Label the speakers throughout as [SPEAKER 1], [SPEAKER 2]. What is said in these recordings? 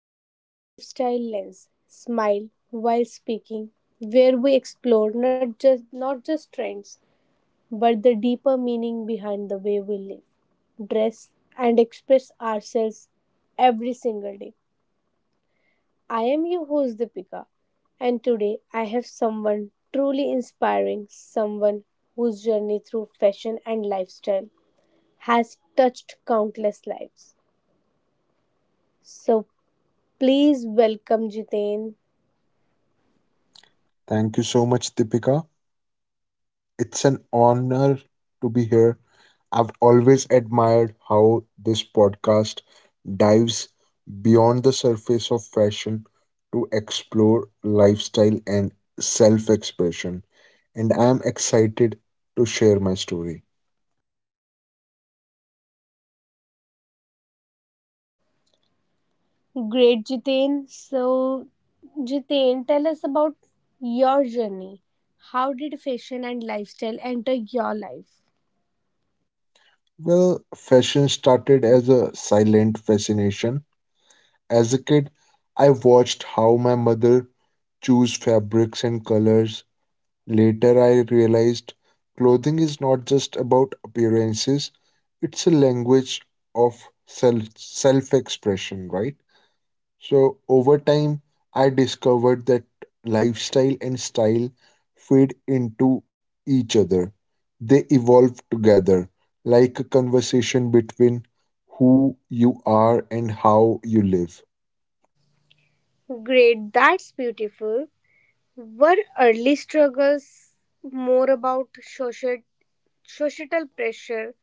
[SPEAKER 1] of Lifestyle Lens Smile While Speaking, where we explore not just trends, but the deeper meaning behind the way we live, dress, and express ourselves every single day. I am your host Deepika, and today I have someone truly inspiring, someone whose journey through fashion and lifestyle has touched countless lives. So please welcome Jitain.
[SPEAKER 2] Thank you so much, Deepika. It's an honor to be here. I've always admired how this podcast dives beyond the surface of fashion to explore lifestyle and self expression, and I'm excited to share my story.
[SPEAKER 1] Great, Jitain. So, Jitain, tell us about your journey. How did fashion and lifestyle enter your life?
[SPEAKER 2] Well, fashion started as a silent fascination. As a kid, I watched how my mother choose fabrics and colors. Later, I realized clothing is not just about appearances, it's a language of self expression, right? So, over time, I discovered that lifestyle and style feed into each other, they evolve together, like a conversation between who you are and how you live.
[SPEAKER 1] Great, that's beautiful. Were early struggles more about social, societal pressure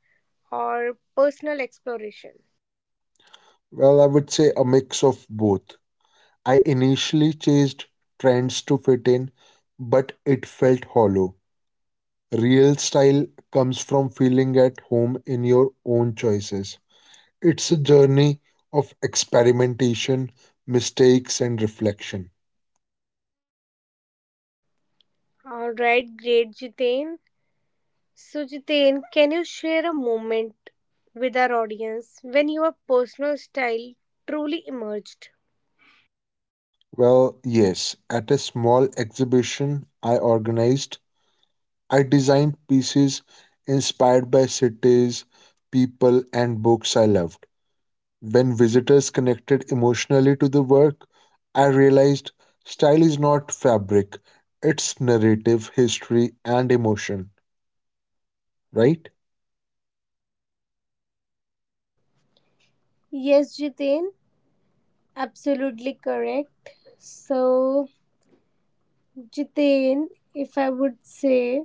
[SPEAKER 1] or personal exploration?
[SPEAKER 2] Well, I would say a mix of both. I initially chased trends to fit in, but it felt hollow. Real style comes from feeling at home in your own choices. It's a journey of experimentation, mistakes, and reflection.
[SPEAKER 1] All right, great, Jitain. So, Jiten, can you share a moment with our audience when your personal style truly emerged?
[SPEAKER 2] Well, yes, at a small exhibition I organized, I designed pieces inspired by cities, people, and books I loved. When visitors connected emotionally to the work, I realized style is not fabric, it's narrative, history, and emotion, right?
[SPEAKER 1] Yes, Jiten, absolutely correct. So, Jiten, if I would say,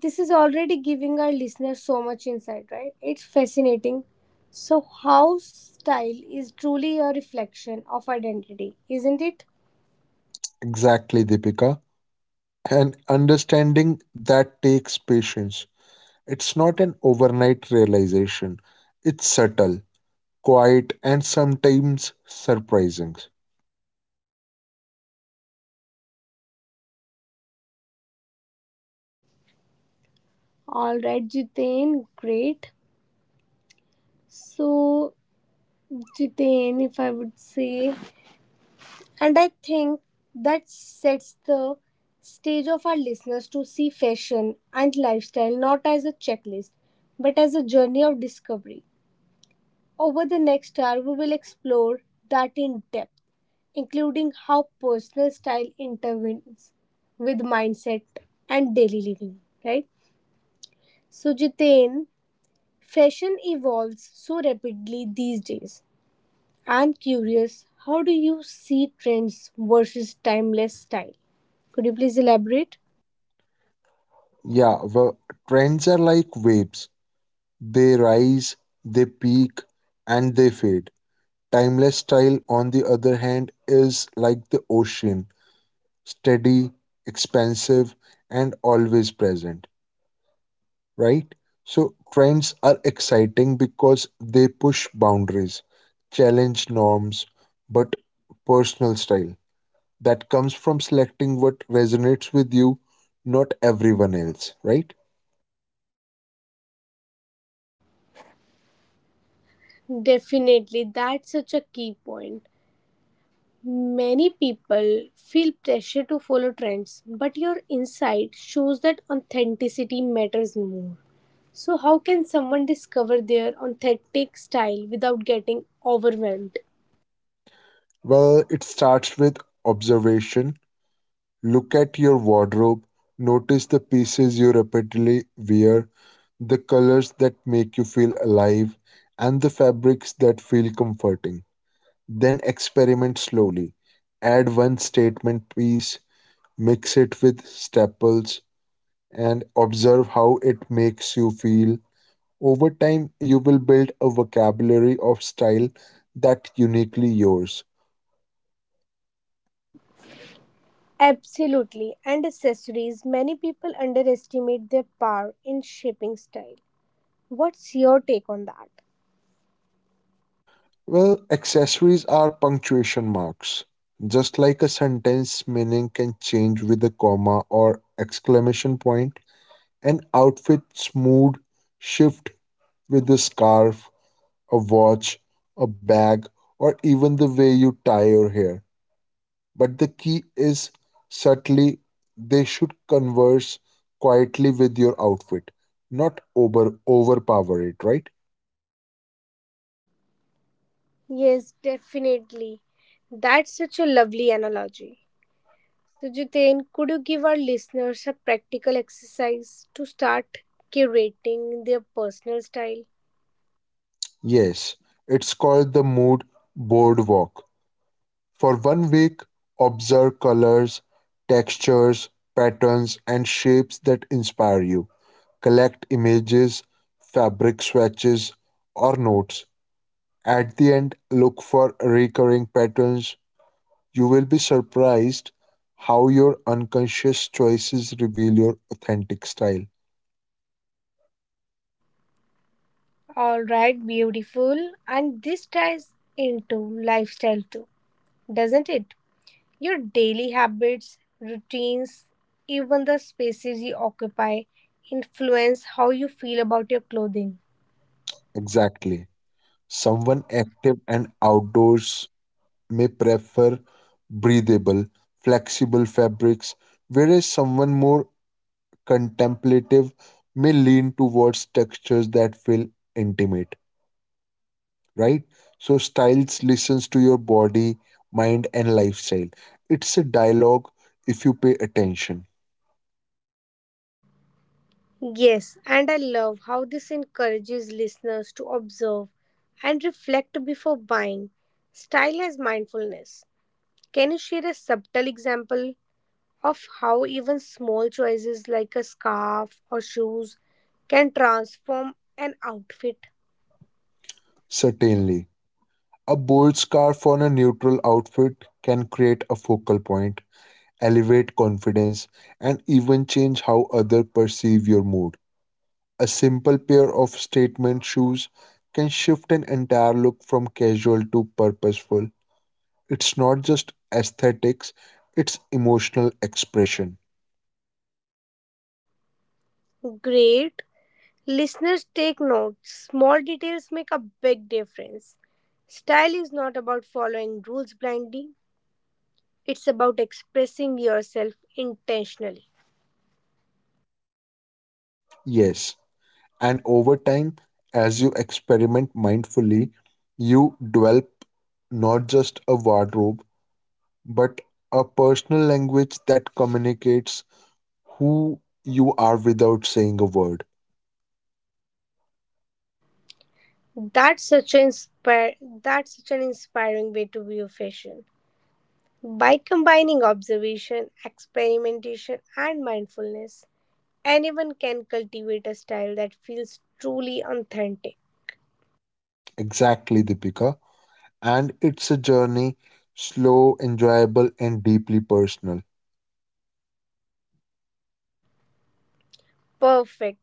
[SPEAKER 1] this is already giving our listeners so much insight, right? It's fascinating. So, how style is truly a reflection of identity, isn't it?
[SPEAKER 2] Exactly, Deepika. And understanding that takes patience. It's not an overnight realization, it's subtle, quiet, and sometimes surprising.
[SPEAKER 1] All right, Jiten, great. So, Jiten, if I would say, and I think that sets the stage of our listeners to see fashion and lifestyle not as a checklist, but as a journey of discovery. Over the next hour, we will explore that in depth, including how personal style intervenes with mindset and daily living, right? So, Jitain, fashion evolves so rapidly these days. I'm curious, how do you see trends versus timeless style? Could you please elaborate?
[SPEAKER 2] Yeah, well, trends are like waves, they rise, they peak, and they fade. Timeless style, on the other hand, is like the ocean, steady, expansive, and always present, right? So, trends are exciting because they push boundaries, challenge norms, but personal style that comes from selecting what resonates with you, not everyone else, right?
[SPEAKER 1] Definitely, that's such a key point. Many people feel pressure to follow trends, but your insight shows that authenticity matters more. So, how can someone discover their authentic style without getting overwhelmed?
[SPEAKER 2] Well, it starts with observation. Look at your wardrobe, notice the pieces you repeatedly wear, the colors that make you feel alive, and the fabrics that feel comforting. Then experiment slowly. Add one statement piece, mix it with staples, and observe how it makes you feel. Over time, you will build a vocabulary of style that uniquely yours.
[SPEAKER 1] Absolutely, and accessories, many people underestimate their power in shaping style. What's your take on that?
[SPEAKER 2] Well, accessories are punctuation marks. Just like a sentence meaning can change with a comma or exclamation point, an outfit's mood shift with a scarf, a watch, a bag, or even the way you tie your hair. But the key is subtly, they should converse quietly with your outfit, not overpower it, right?
[SPEAKER 1] Yes, definitely. That's such a lovely analogy. So, Jiten, could you give our listeners a practical exercise to start curating their personal style?
[SPEAKER 2] Yes, it's called the mood boardwalk. For one week, observe colors, textures, patterns, and shapes that inspire you. Collect images, fabric swatches, or notes. At the end, look for recurring patterns. You will be surprised how your unconscious choices reveal your authentic style.
[SPEAKER 1] All right, beautiful. And this ties into lifestyle too, doesn't it? Your daily habits, routines, even the spaces you occupy influence how you feel about your clothing.
[SPEAKER 2] Exactly. Someone active and outdoors may prefer breathable, flexible fabrics, whereas someone more contemplative may lean towards textures that feel intimate, right? So, styles listens to your body, mind, and lifestyle. It's a dialogue if you pay attention.
[SPEAKER 1] Yes, and I love how this encourages listeners to observe and reflect before buying. Style as mindfulness. Can you share a subtle example of how even small choices like a scarf or shoes can transform an outfit?
[SPEAKER 2] Certainly. A bold scarf on a neutral outfit can create a focal point, elevate confidence, and even change how others perceive your mood. A simple pair of statement shoes can shift an entire look from casual to purposeful. It's not just aesthetics, it's emotional expression.
[SPEAKER 1] Great. Listeners, take notes. Small details make a big difference. Style is not about following rules blindly, it's about expressing yourself intentionally.
[SPEAKER 2] Yes. And over time, as you experiment mindfully, you develop not just a wardrobe, but a personal language that communicates who you are without saying a word.
[SPEAKER 1] That's such an inspire that's such an inspiring way to view fashion. By combining observation, experimentation, and mindfulness, anyone can cultivate a style that feels truly authentic.
[SPEAKER 2] Exactly, Deepika. And it's a journey, slow, enjoyable, and deeply personal.
[SPEAKER 1] Perfect.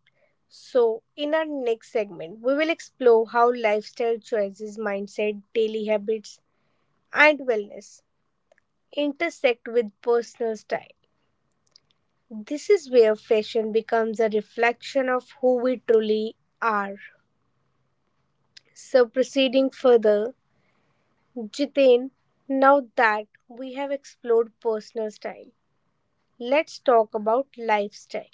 [SPEAKER 1] So, in our next segment, we will explore how lifestyle choices, mindset, daily habits, and wellness intersect with personal style. This is where fashion becomes a reflection of who we truly are. So, proceeding further, Jiten. Now that we have explored personal style, let's talk about lifestyle.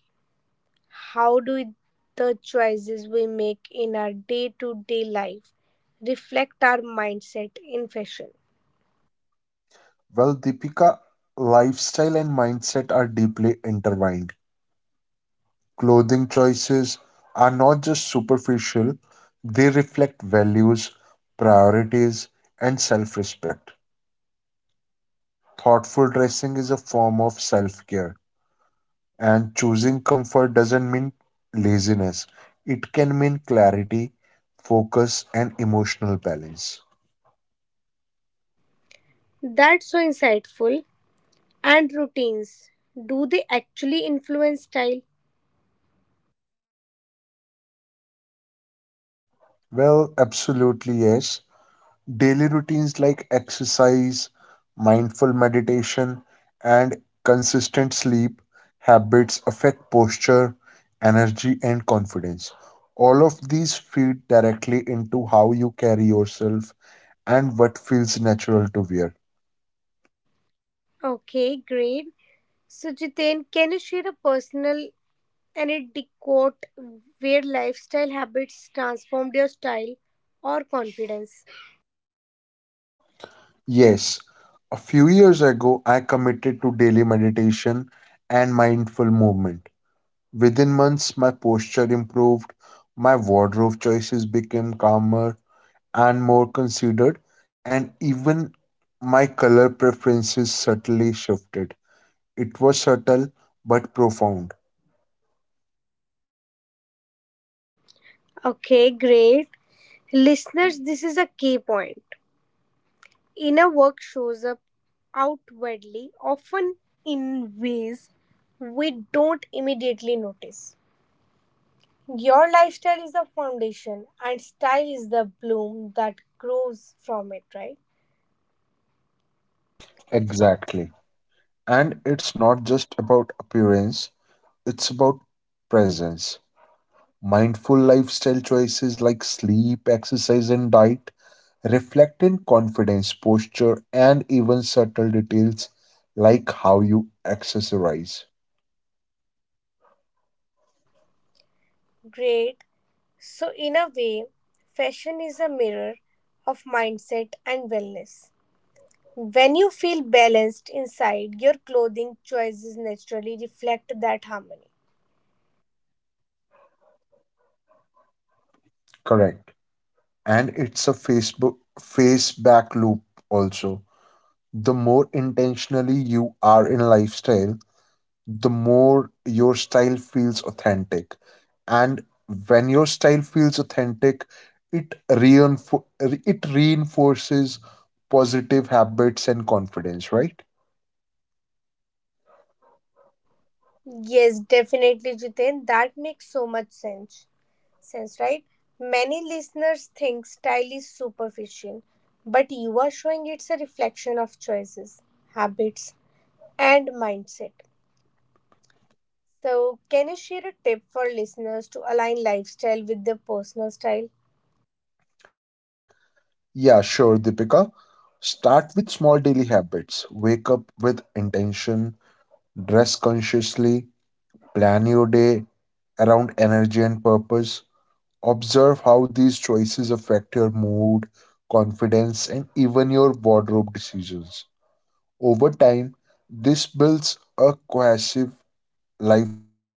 [SPEAKER 1] How do the choices we make in our day to day life reflect our mindset in fashion?
[SPEAKER 2] Well, Deepika, lifestyle and mindset are deeply intertwined. Clothing choices are not just superficial, they reflect values, priorities, and self respect. Thoughtful dressing is a form of self care, and choosing comfort doesn't mean laziness, it can mean clarity, focus, and emotional balance.
[SPEAKER 1] That's so insightful. And routines, do they actually influence style?
[SPEAKER 2] Well, absolutely yes. Daily routines like exercise, mindful meditation, and consistent sleep habits affect posture, energy, and confidence. All of these feed directly into how you carry yourself and what feels natural to wear.
[SPEAKER 1] Okay, great. So, Jiten, can you share a personal and it decode where lifestyle habits transformed your style or confidence.
[SPEAKER 2] Yes, a few years ago, I committed to daily meditation and mindful movement. Within months, my posture improved, my wardrobe choices became calmer, and more considered, and even my color preferences subtly shifted. It was subtle but profound.
[SPEAKER 1] Okay, great. Listeners, this is a key point. Inner work shows up outwardly, often in ways we don't immediately notice. Your lifestyle is the foundation, and style is the bloom that grows from it, right?
[SPEAKER 2] Exactly. And it's not just about appearance, it's about presence. Mindful lifestyle choices like sleep, exercise, and diet reflect in confidence, posture, and even subtle details like how you accessorize.
[SPEAKER 1] Great. So, in a way, fashion is a mirror of mindset and wellness. When you feel balanced inside, your clothing choices naturally reflect that harmony.
[SPEAKER 2] Correct. And it's a face back loop also, the more intentionally you are in lifestyle, the more your style feels authentic, and when your style feels authentic, it reinforces positive habits and confidence, right?
[SPEAKER 1] Yes, definitely, Jiten. That makes so much sense. Sense, right? Many listeners think style is superficial, but you are showing it's a reflection of choices, habits, and mindset. So, can you share a tip for listeners to align lifestyle with their personal style?
[SPEAKER 2] Yeah, sure, Dipika. Start with small daily habits, wake up with intention, dress consciously. Plan your day around energy and purpose. Observe how these choices affect your mood, confidence, and even your wardrobe decisions. Over time, this builds a cohesive lifestyle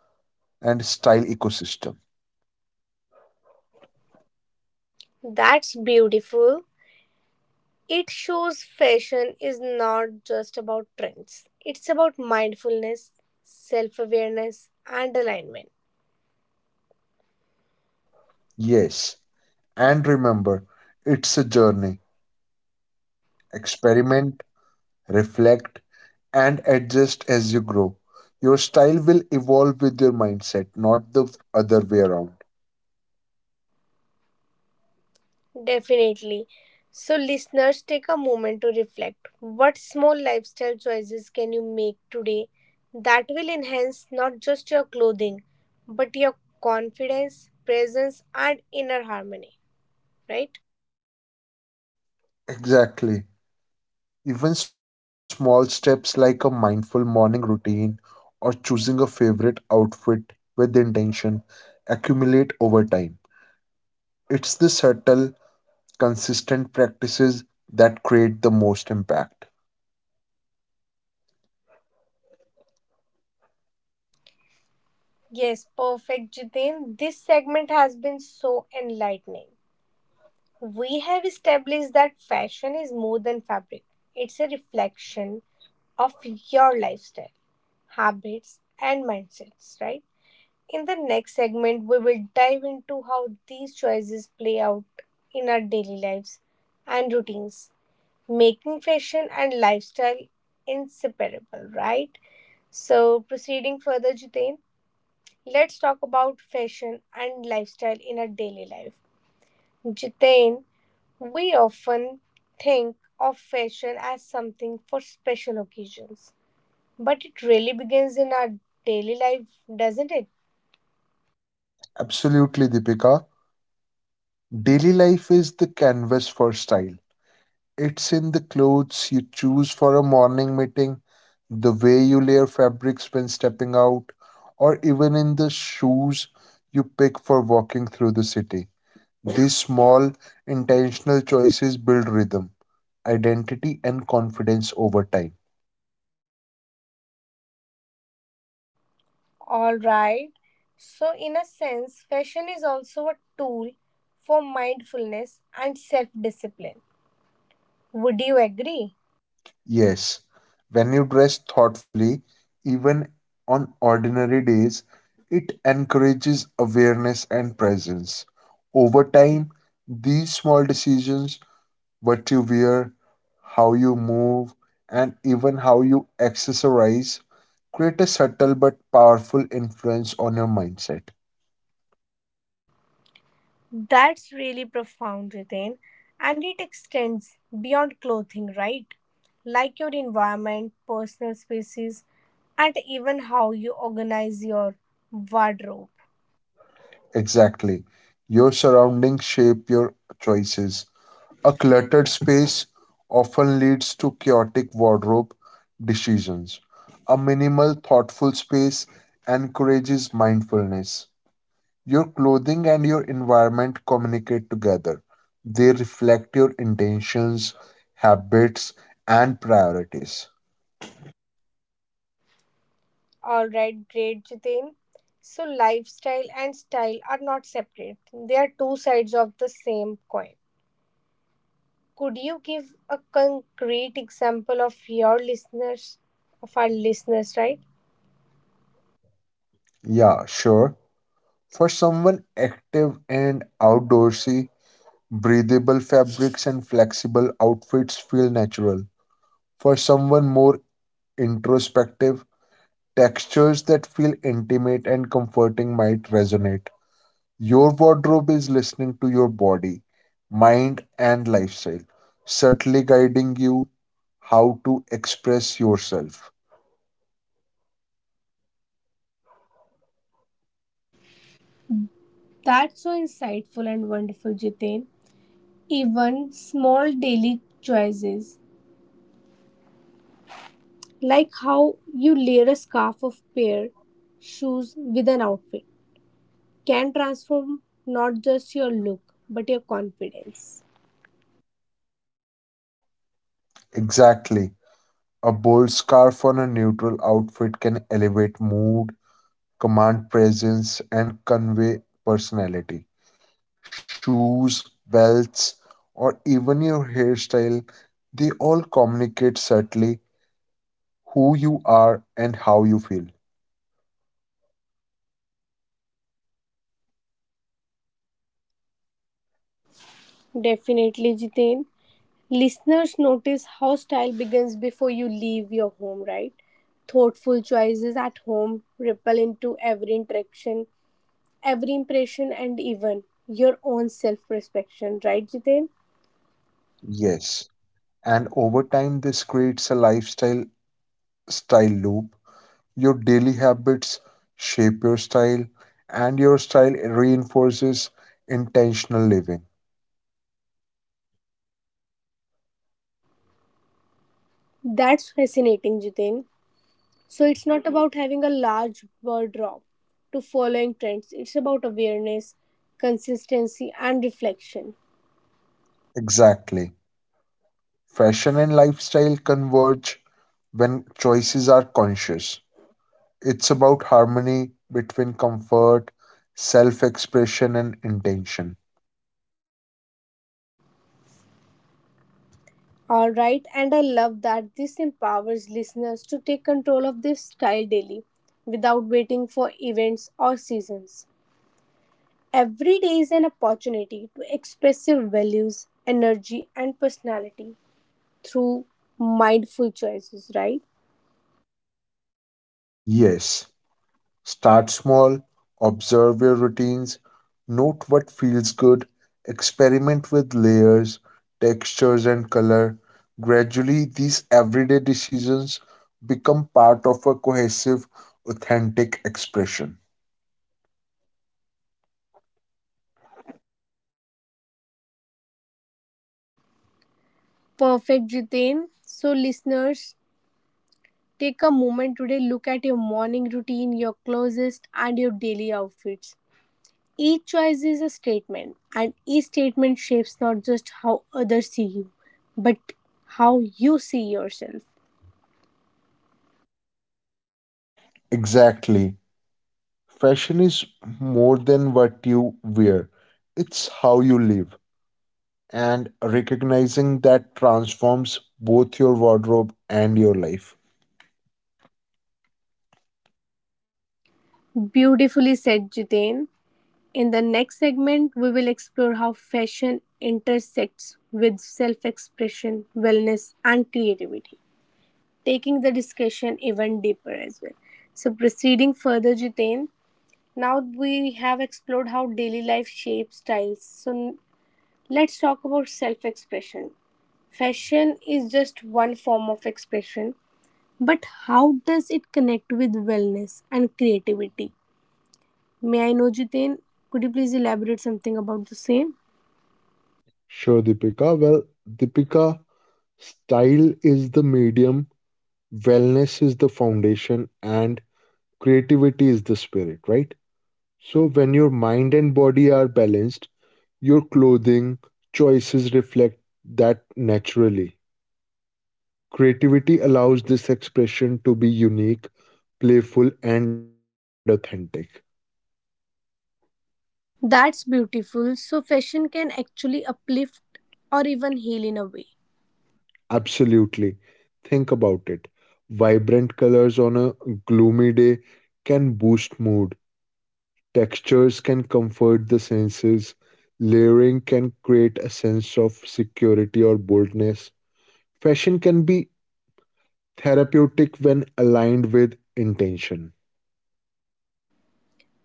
[SPEAKER 2] and style ecosystem.
[SPEAKER 1] That's beautiful. It shows fashion is not just about trends, it's about mindfulness, self awareness, and alignment.
[SPEAKER 2] Yes, and remember, it's a journey. Experiment, reflect, and adjust as you grow. Your style will evolve with your mindset, not the other way around.
[SPEAKER 1] Definitely. So, listeners, take a moment to reflect. What small lifestyle choices can you make today that will enhance not just your clothing, but your confidence, presence, and inner harmony? Right?
[SPEAKER 2] Exactly. Even small steps like a mindful morning routine or choosing a favorite outfit with intention accumulate over time. It's the subtle, consistent practices that create the most impact.
[SPEAKER 1] Yes, perfect, Jitin. This segment has been so enlightening. We have established that fashion is more than fabric, it's a reflection of your lifestyle, habits, and mindsets, right? In the next segment, we will dive into how these choices play out in our daily lives and routines, making fashion and lifestyle inseparable, right? So, proceeding further, Jitain, let's talk about fashion and lifestyle in our daily life. Jitain, we often think of fashion as something for special occasions, but it really begins in our daily life, doesn't it?
[SPEAKER 2] Absolutely, Deepika. Daily life is the canvas for style. It's in the clothes you choose for a morning meeting, the way you layer fabrics when stepping out, or even in the shoes you pick for walking through the city. These small, intentional choices build rhythm, identity, and confidence over time.
[SPEAKER 1] Alright, so in a sense, fashion is also a tool for mindfulness and self discipline. Would you agree?
[SPEAKER 2] Yes, when you dress thoughtfully, even on ordinary days, it encourages awareness and presence. Over time, these small decisions, what you wear, how you move, and even how you exercise, create a subtle but powerful influence on your mindset.
[SPEAKER 1] That's really profound, Ritain. And it extends beyond clothing, right? Like your environment, personal spaces, and even how you organize your wardrobe.
[SPEAKER 2] Exactly. Your surroundings shape your choices. A cluttered space often leads to chaotic wardrobe decisions. A minimal, thoughtful space encourages mindfulness. Your clothing and your environment communicate together. They reflect your intentions, habits, and priorities.
[SPEAKER 1] All right, great, Jitin. So, lifestyle and style are not separate, they are two sides of the same coin. Could you give a concrete example of your listeners, of our listeners, right?
[SPEAKER 2] Yeah, sure. For someone active and outdoorsy, breathable fabrics and flexible outfits feel natural. For someone more introspective, textures that feel intimate and comforting might resonate. Your wardrobe is listening to your body, mind, and lifestyle, subtly guiding you how to express yourself.
[SPEAKER 1] That's so insightful and wonderful, Jitin. Even small daily choices, like how you layer a scarf of pair shoes with an outfit, can transform not just your look but your confidence.
[SPEAKER 2] Exactly. A bold scarf on a neutral outfit can elevate mood, command presence, and convey personality. Shoes, belts, or even your hairstyle, they all communicate subtly who you are and how you feel.
[SPEAKER 1] Definitely, Jitain. Listeners notice how style begins before you leave your home, right? Thoughtful choices at home ripple into every interaction, every impression, and even your own self-perception, right, Jitain?
[SPEAKER 2] Yes, and over time, this creates a lifestyle style loop. Your daily habits shape your style, and your style reinforces intentional living.
[SPEAKER 1] That's fascinating, Jitain. So it's not about having a large wardrobe to following trends. It's about awareness, consistency, and reflection.
[SPEAKER 2] Exactly. Fashion and lifestyle converge when choices are conscious. It's about harmony between comfort, self expression, and intention.
[SPEAKER 1] All right, and I love that this empowers listeners to take control of their style daily without waiting for events or seasons. Every day is an opportunity to express your values, energy, and personality through mindful choices, right?
[SPEAKER 2] Yes, start small, observe your routines, note what feels good, experiment with layers, textures, and color. Gradually, these everyday decisions become part of a cohesive, authentic expression.
[SPEAKER 1] Perfect, Jitain. So, listeners, take a moment today, look at your morning routine, your closest, and your daily outfits. Each choice is a statement, and each statement shapes not just how others see you, but how you see yourself.
[SPEAKER 2] Exactly. Fashion is more than what you wear, it's how you live, and recognizing that transforms both your wardrobe and your life.
[SPEAKER 1] Beautifully said, Jitain. In the next segment, we will explore how fashion intersects with self expression, wellness, and creativity, taking the discussion even deeper as well. So, proceeding further, Jitain, now we have explored how daily life shapes styles. Let's talk about self expression. Fashion is just one form of expression, but how does it connect with wellness and creativity? May I know, Jiten? Could you please elaborate something about the same?
[SPEAKER 2] Sure, Deepika. Well, Deepika, style is the medium, wellness is the foundation, and creativity is the spirit, right? So, when your mind and body are balanced, your clothing choices reflect that naturally. Creativity allows this expression to be unique, playful, and authentic.
[SPEAKER 1] That's beautiful. So, fashion can actually uplift or even heal in a way.
[SPEAKER 2] Absolutely. Think about it. Vibrant colors on a gloomy day can boost mood. Textures can comfort the senses. Layering can create a sense of security or boldness. Fashion can be therapeutic when aligned with intention.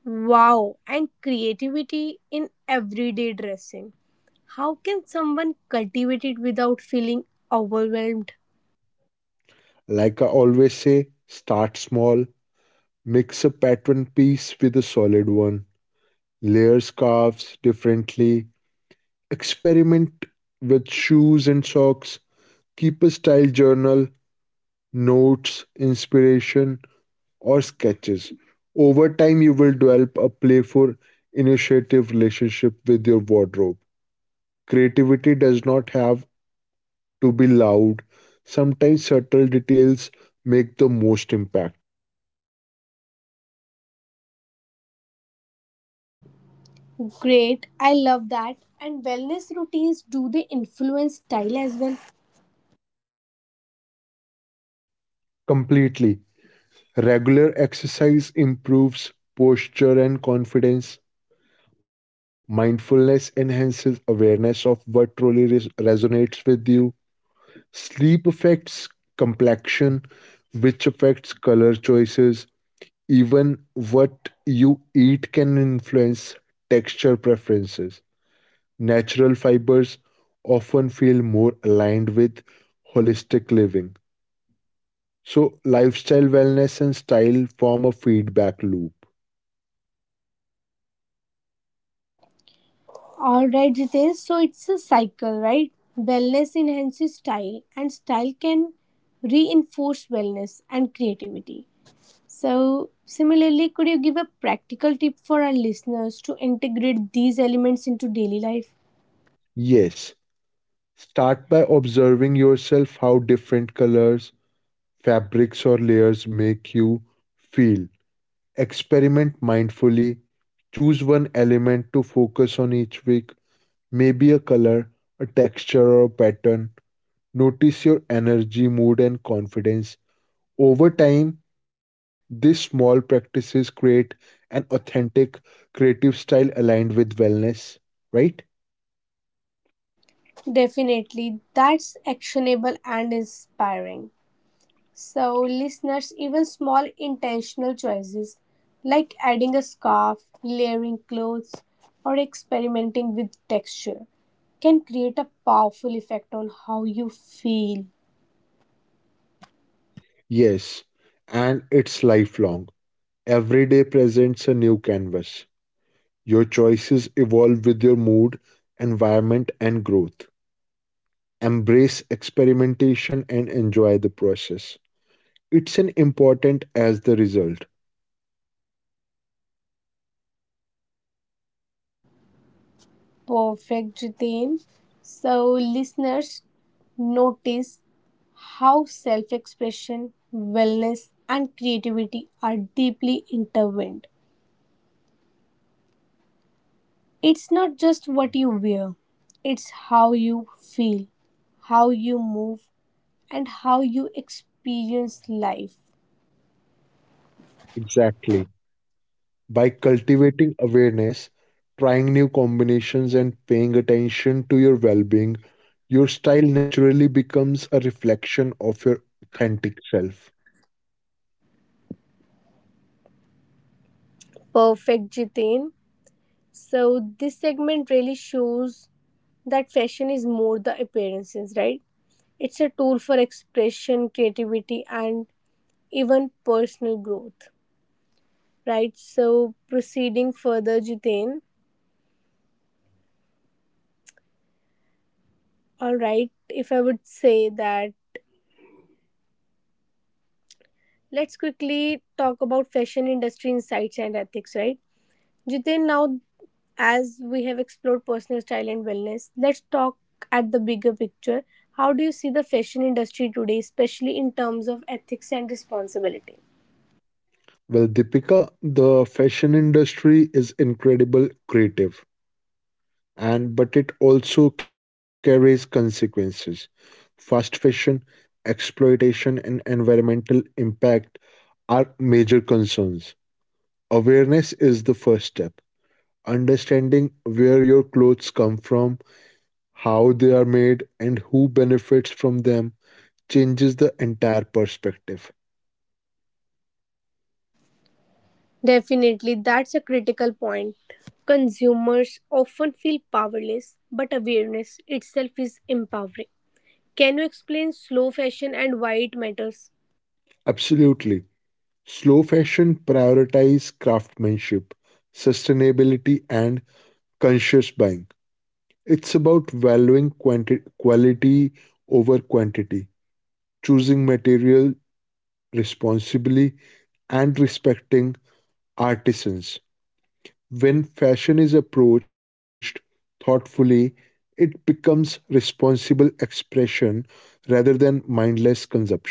[SPEAKER 1] Wow, and creativity in everyday dressing. How can someone cultivate it without feeling overwhelmed?
[SPEAKER 2] Like I always say, start small, mix a pattern piece with a solid one, layer scarves differently, experiment with shoes and socks. Keep a style journal, notes, inspiration, or sketches. Over time, you will develop a playful, initiative relationship with your wardrobe. Creativity does not have to be loud, sometimes subtle details make the most impact.
[SPEAKER 1] Great, I love that. And wellness routines, do they influence style as well?
[SPEAKER 2] Completely. Regular exercise improves posture and confidence. Mindfulness enhances awareness of what truly resonates with you. Sleep affects complexion, which affects color choices. Even what you eat can influence texture preferences. Natural fibers often feel more aligned with holistic living. So, lifestyle wellness and style form a feedback loop.
[SPEAKER 1] Alright, Jitesh, so it's a cycle, right? Wellness enhances style, and style can reinforce wellness and creativity. So, similarly, could you give a practical tip for our listeners to integrate these elements into daily life?
[SPEAKER 2] Yes, start by observing yourself, how different colors, fabrics, or layers make you feel. Experiment mindfully. Choose one element to focus on each week, maybe a color, a texture, or a pattern. Notice your energy, mood, and confidence. Over time, these small practices create an authentic creative style aligned with wellness, right?
[SPEAKER 1] Definitely, that's actionable and inspiring. So, listeners, even small intentional choices like adding a scarf, layering clothes, or experimenting with texture can create a powerful effect on how you feel.
[SPEAKER 2] Yes, and it's lifelong. Every day presents a new canvas. Your choices evolve with your mood, environment, and growth. Embrace experimentation and enjoy the process. It's an important as the result.
[SPEAKER 1] Perfect, Jitin. So, listeners, notice how self expression, wellness, and creativity are deeply intertwined. It's not just what you wear, it's how you feel, how you move, and how you experience life.
[SPEAKER 2] Exactly. By cultivating awareness, trying new combinations, and paying attention to your well being, your style naturally becomes a reflection of your authentic self.
[SPEAKER 1] Perfect, Jitin. So, this segment really shows that fashion is more the appearances, right? It's a tool for expression, creativity, and even personal growth, right? So, proceeding further, Jitin. All right, if I would say that, let's quickly talk about fashion industry insights and ethics, right? Jitin, now as we have explored personal style and wellness, let's talk at the bigger picture. How do you see the fashion industry today, especially in terms of ethics and responsibility?
[SPEAKER 2] Well, Deepika, the fashion industry is incredible creative and but it also carries consequences. Fast fashion, exploitation, and environmental impact are major concerns. Awareness is the first step. Understanding where your clothes come from, how they are made, and who benefits from them changes the entire perspective.
[SPEAKER 1] Definitely, that's a critical point. Consumers often feel powerless, but awareness itself is empowering. Can you explain slow fashion and why it matters?
[SPEAKER 2] Absolutely. Slow fashion prioritizes craftsmanship, sustainability, and conscious buying. It's about valuing quality over quantity, choosing material responsibly and respecting artisans. When fashion is approached thoughtfully, it becomes responsible expression rather than mindless consumption.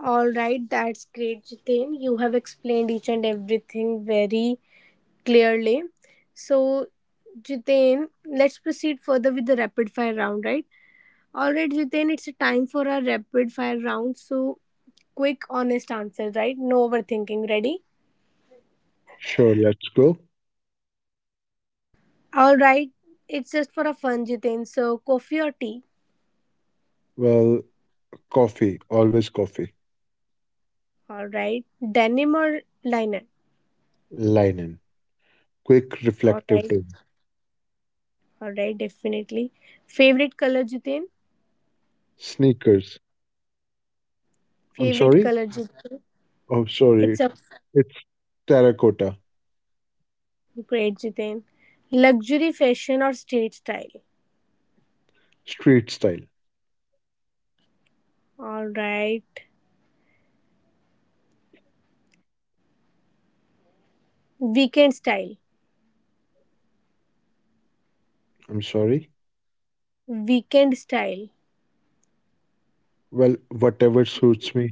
[SPEAKER 1] All right, that's great, Jitin. You have explained each and everything very clearly. So, Jitain, let's proceed further with the rapid fire round, right? All right, Jitain, it's a time for our rapid fire round. So, quick, honest answer, right? No overthinking. Ready?
[SPEAKER 2] Sure, let's go.
[SPEAKER 1] All right, it's just for a fun, Jitain. So, coffee or tea?
[SPEAKER 2] Well, coffee, always coffee.
[SPEAKER 1] All right, denim or liner?
[SPEAKER 2] Linen, quick
[SPEAKER 1] All
[SPEAKER 2] reflective
[SPEAKER 1] right,
[SPEAKER 2] tone.
[SPEAKER 1] all right, definitely. Favorite color, Jitain?
[SPEAKER 2] Sneakers, I'm
[SPEAKER 1] Favorite
[SPEAKER 2] sorry?
[SPEAKER 1] color, Jitain?
[SPEAKER 2] Oh, sorry.
[SPEAKER 1] It's a
[SPEAKER 2] It's terracotta,
[SPEAKER 1] great, Jitain. Luxury fashion or street style?
[SPEAKER 2] street style.
[SPEAKER 1] All right. Weekend style.
[SPEAKER 2] I'm sorry?
[SPEAKER 1] Weekend style.
[SPEAKER 2] Well, whatever suits me.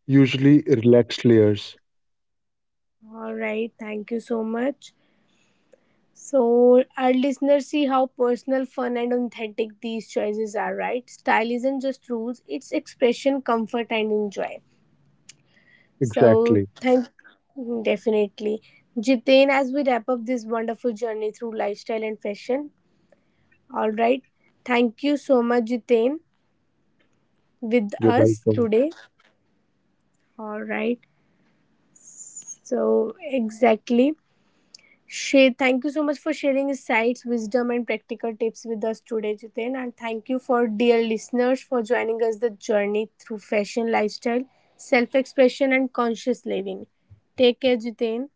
[SPEAKER 2] Usually relaxed layers.
[SPEAKER 1] All right. Thank you so much. So, our listeners see how personal, fun, and authentic these choices are, right? Style isn't just rules, it's expression, comfort, and enjoy. So,
[SPEAKER 2] Exactly.
[SPEAKER 1] thank definitely. Jitain, as we wrap up this wonderful journey through lifestyle and fashion, all right. Thank you so much, Jitain, with
[SPEAKER 2] You're
[SPEAKER 1] us
[SPEAKER 2] welcome.
[SPEAKER 1] today. All right. So, exactly. Share, thank you so much for sharing insights, wisdom, and practical tips with us today, Jiten. And thank you for dear listeners for joining us the journey through fashion, lifestyle, self-expression, and conscious living. Take care, Jiten.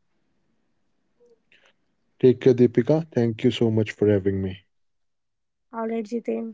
[SPEAKER 2] Take care, Deepika. Thank you so much for having me.
[SPEAKER 1] All right, Jiten.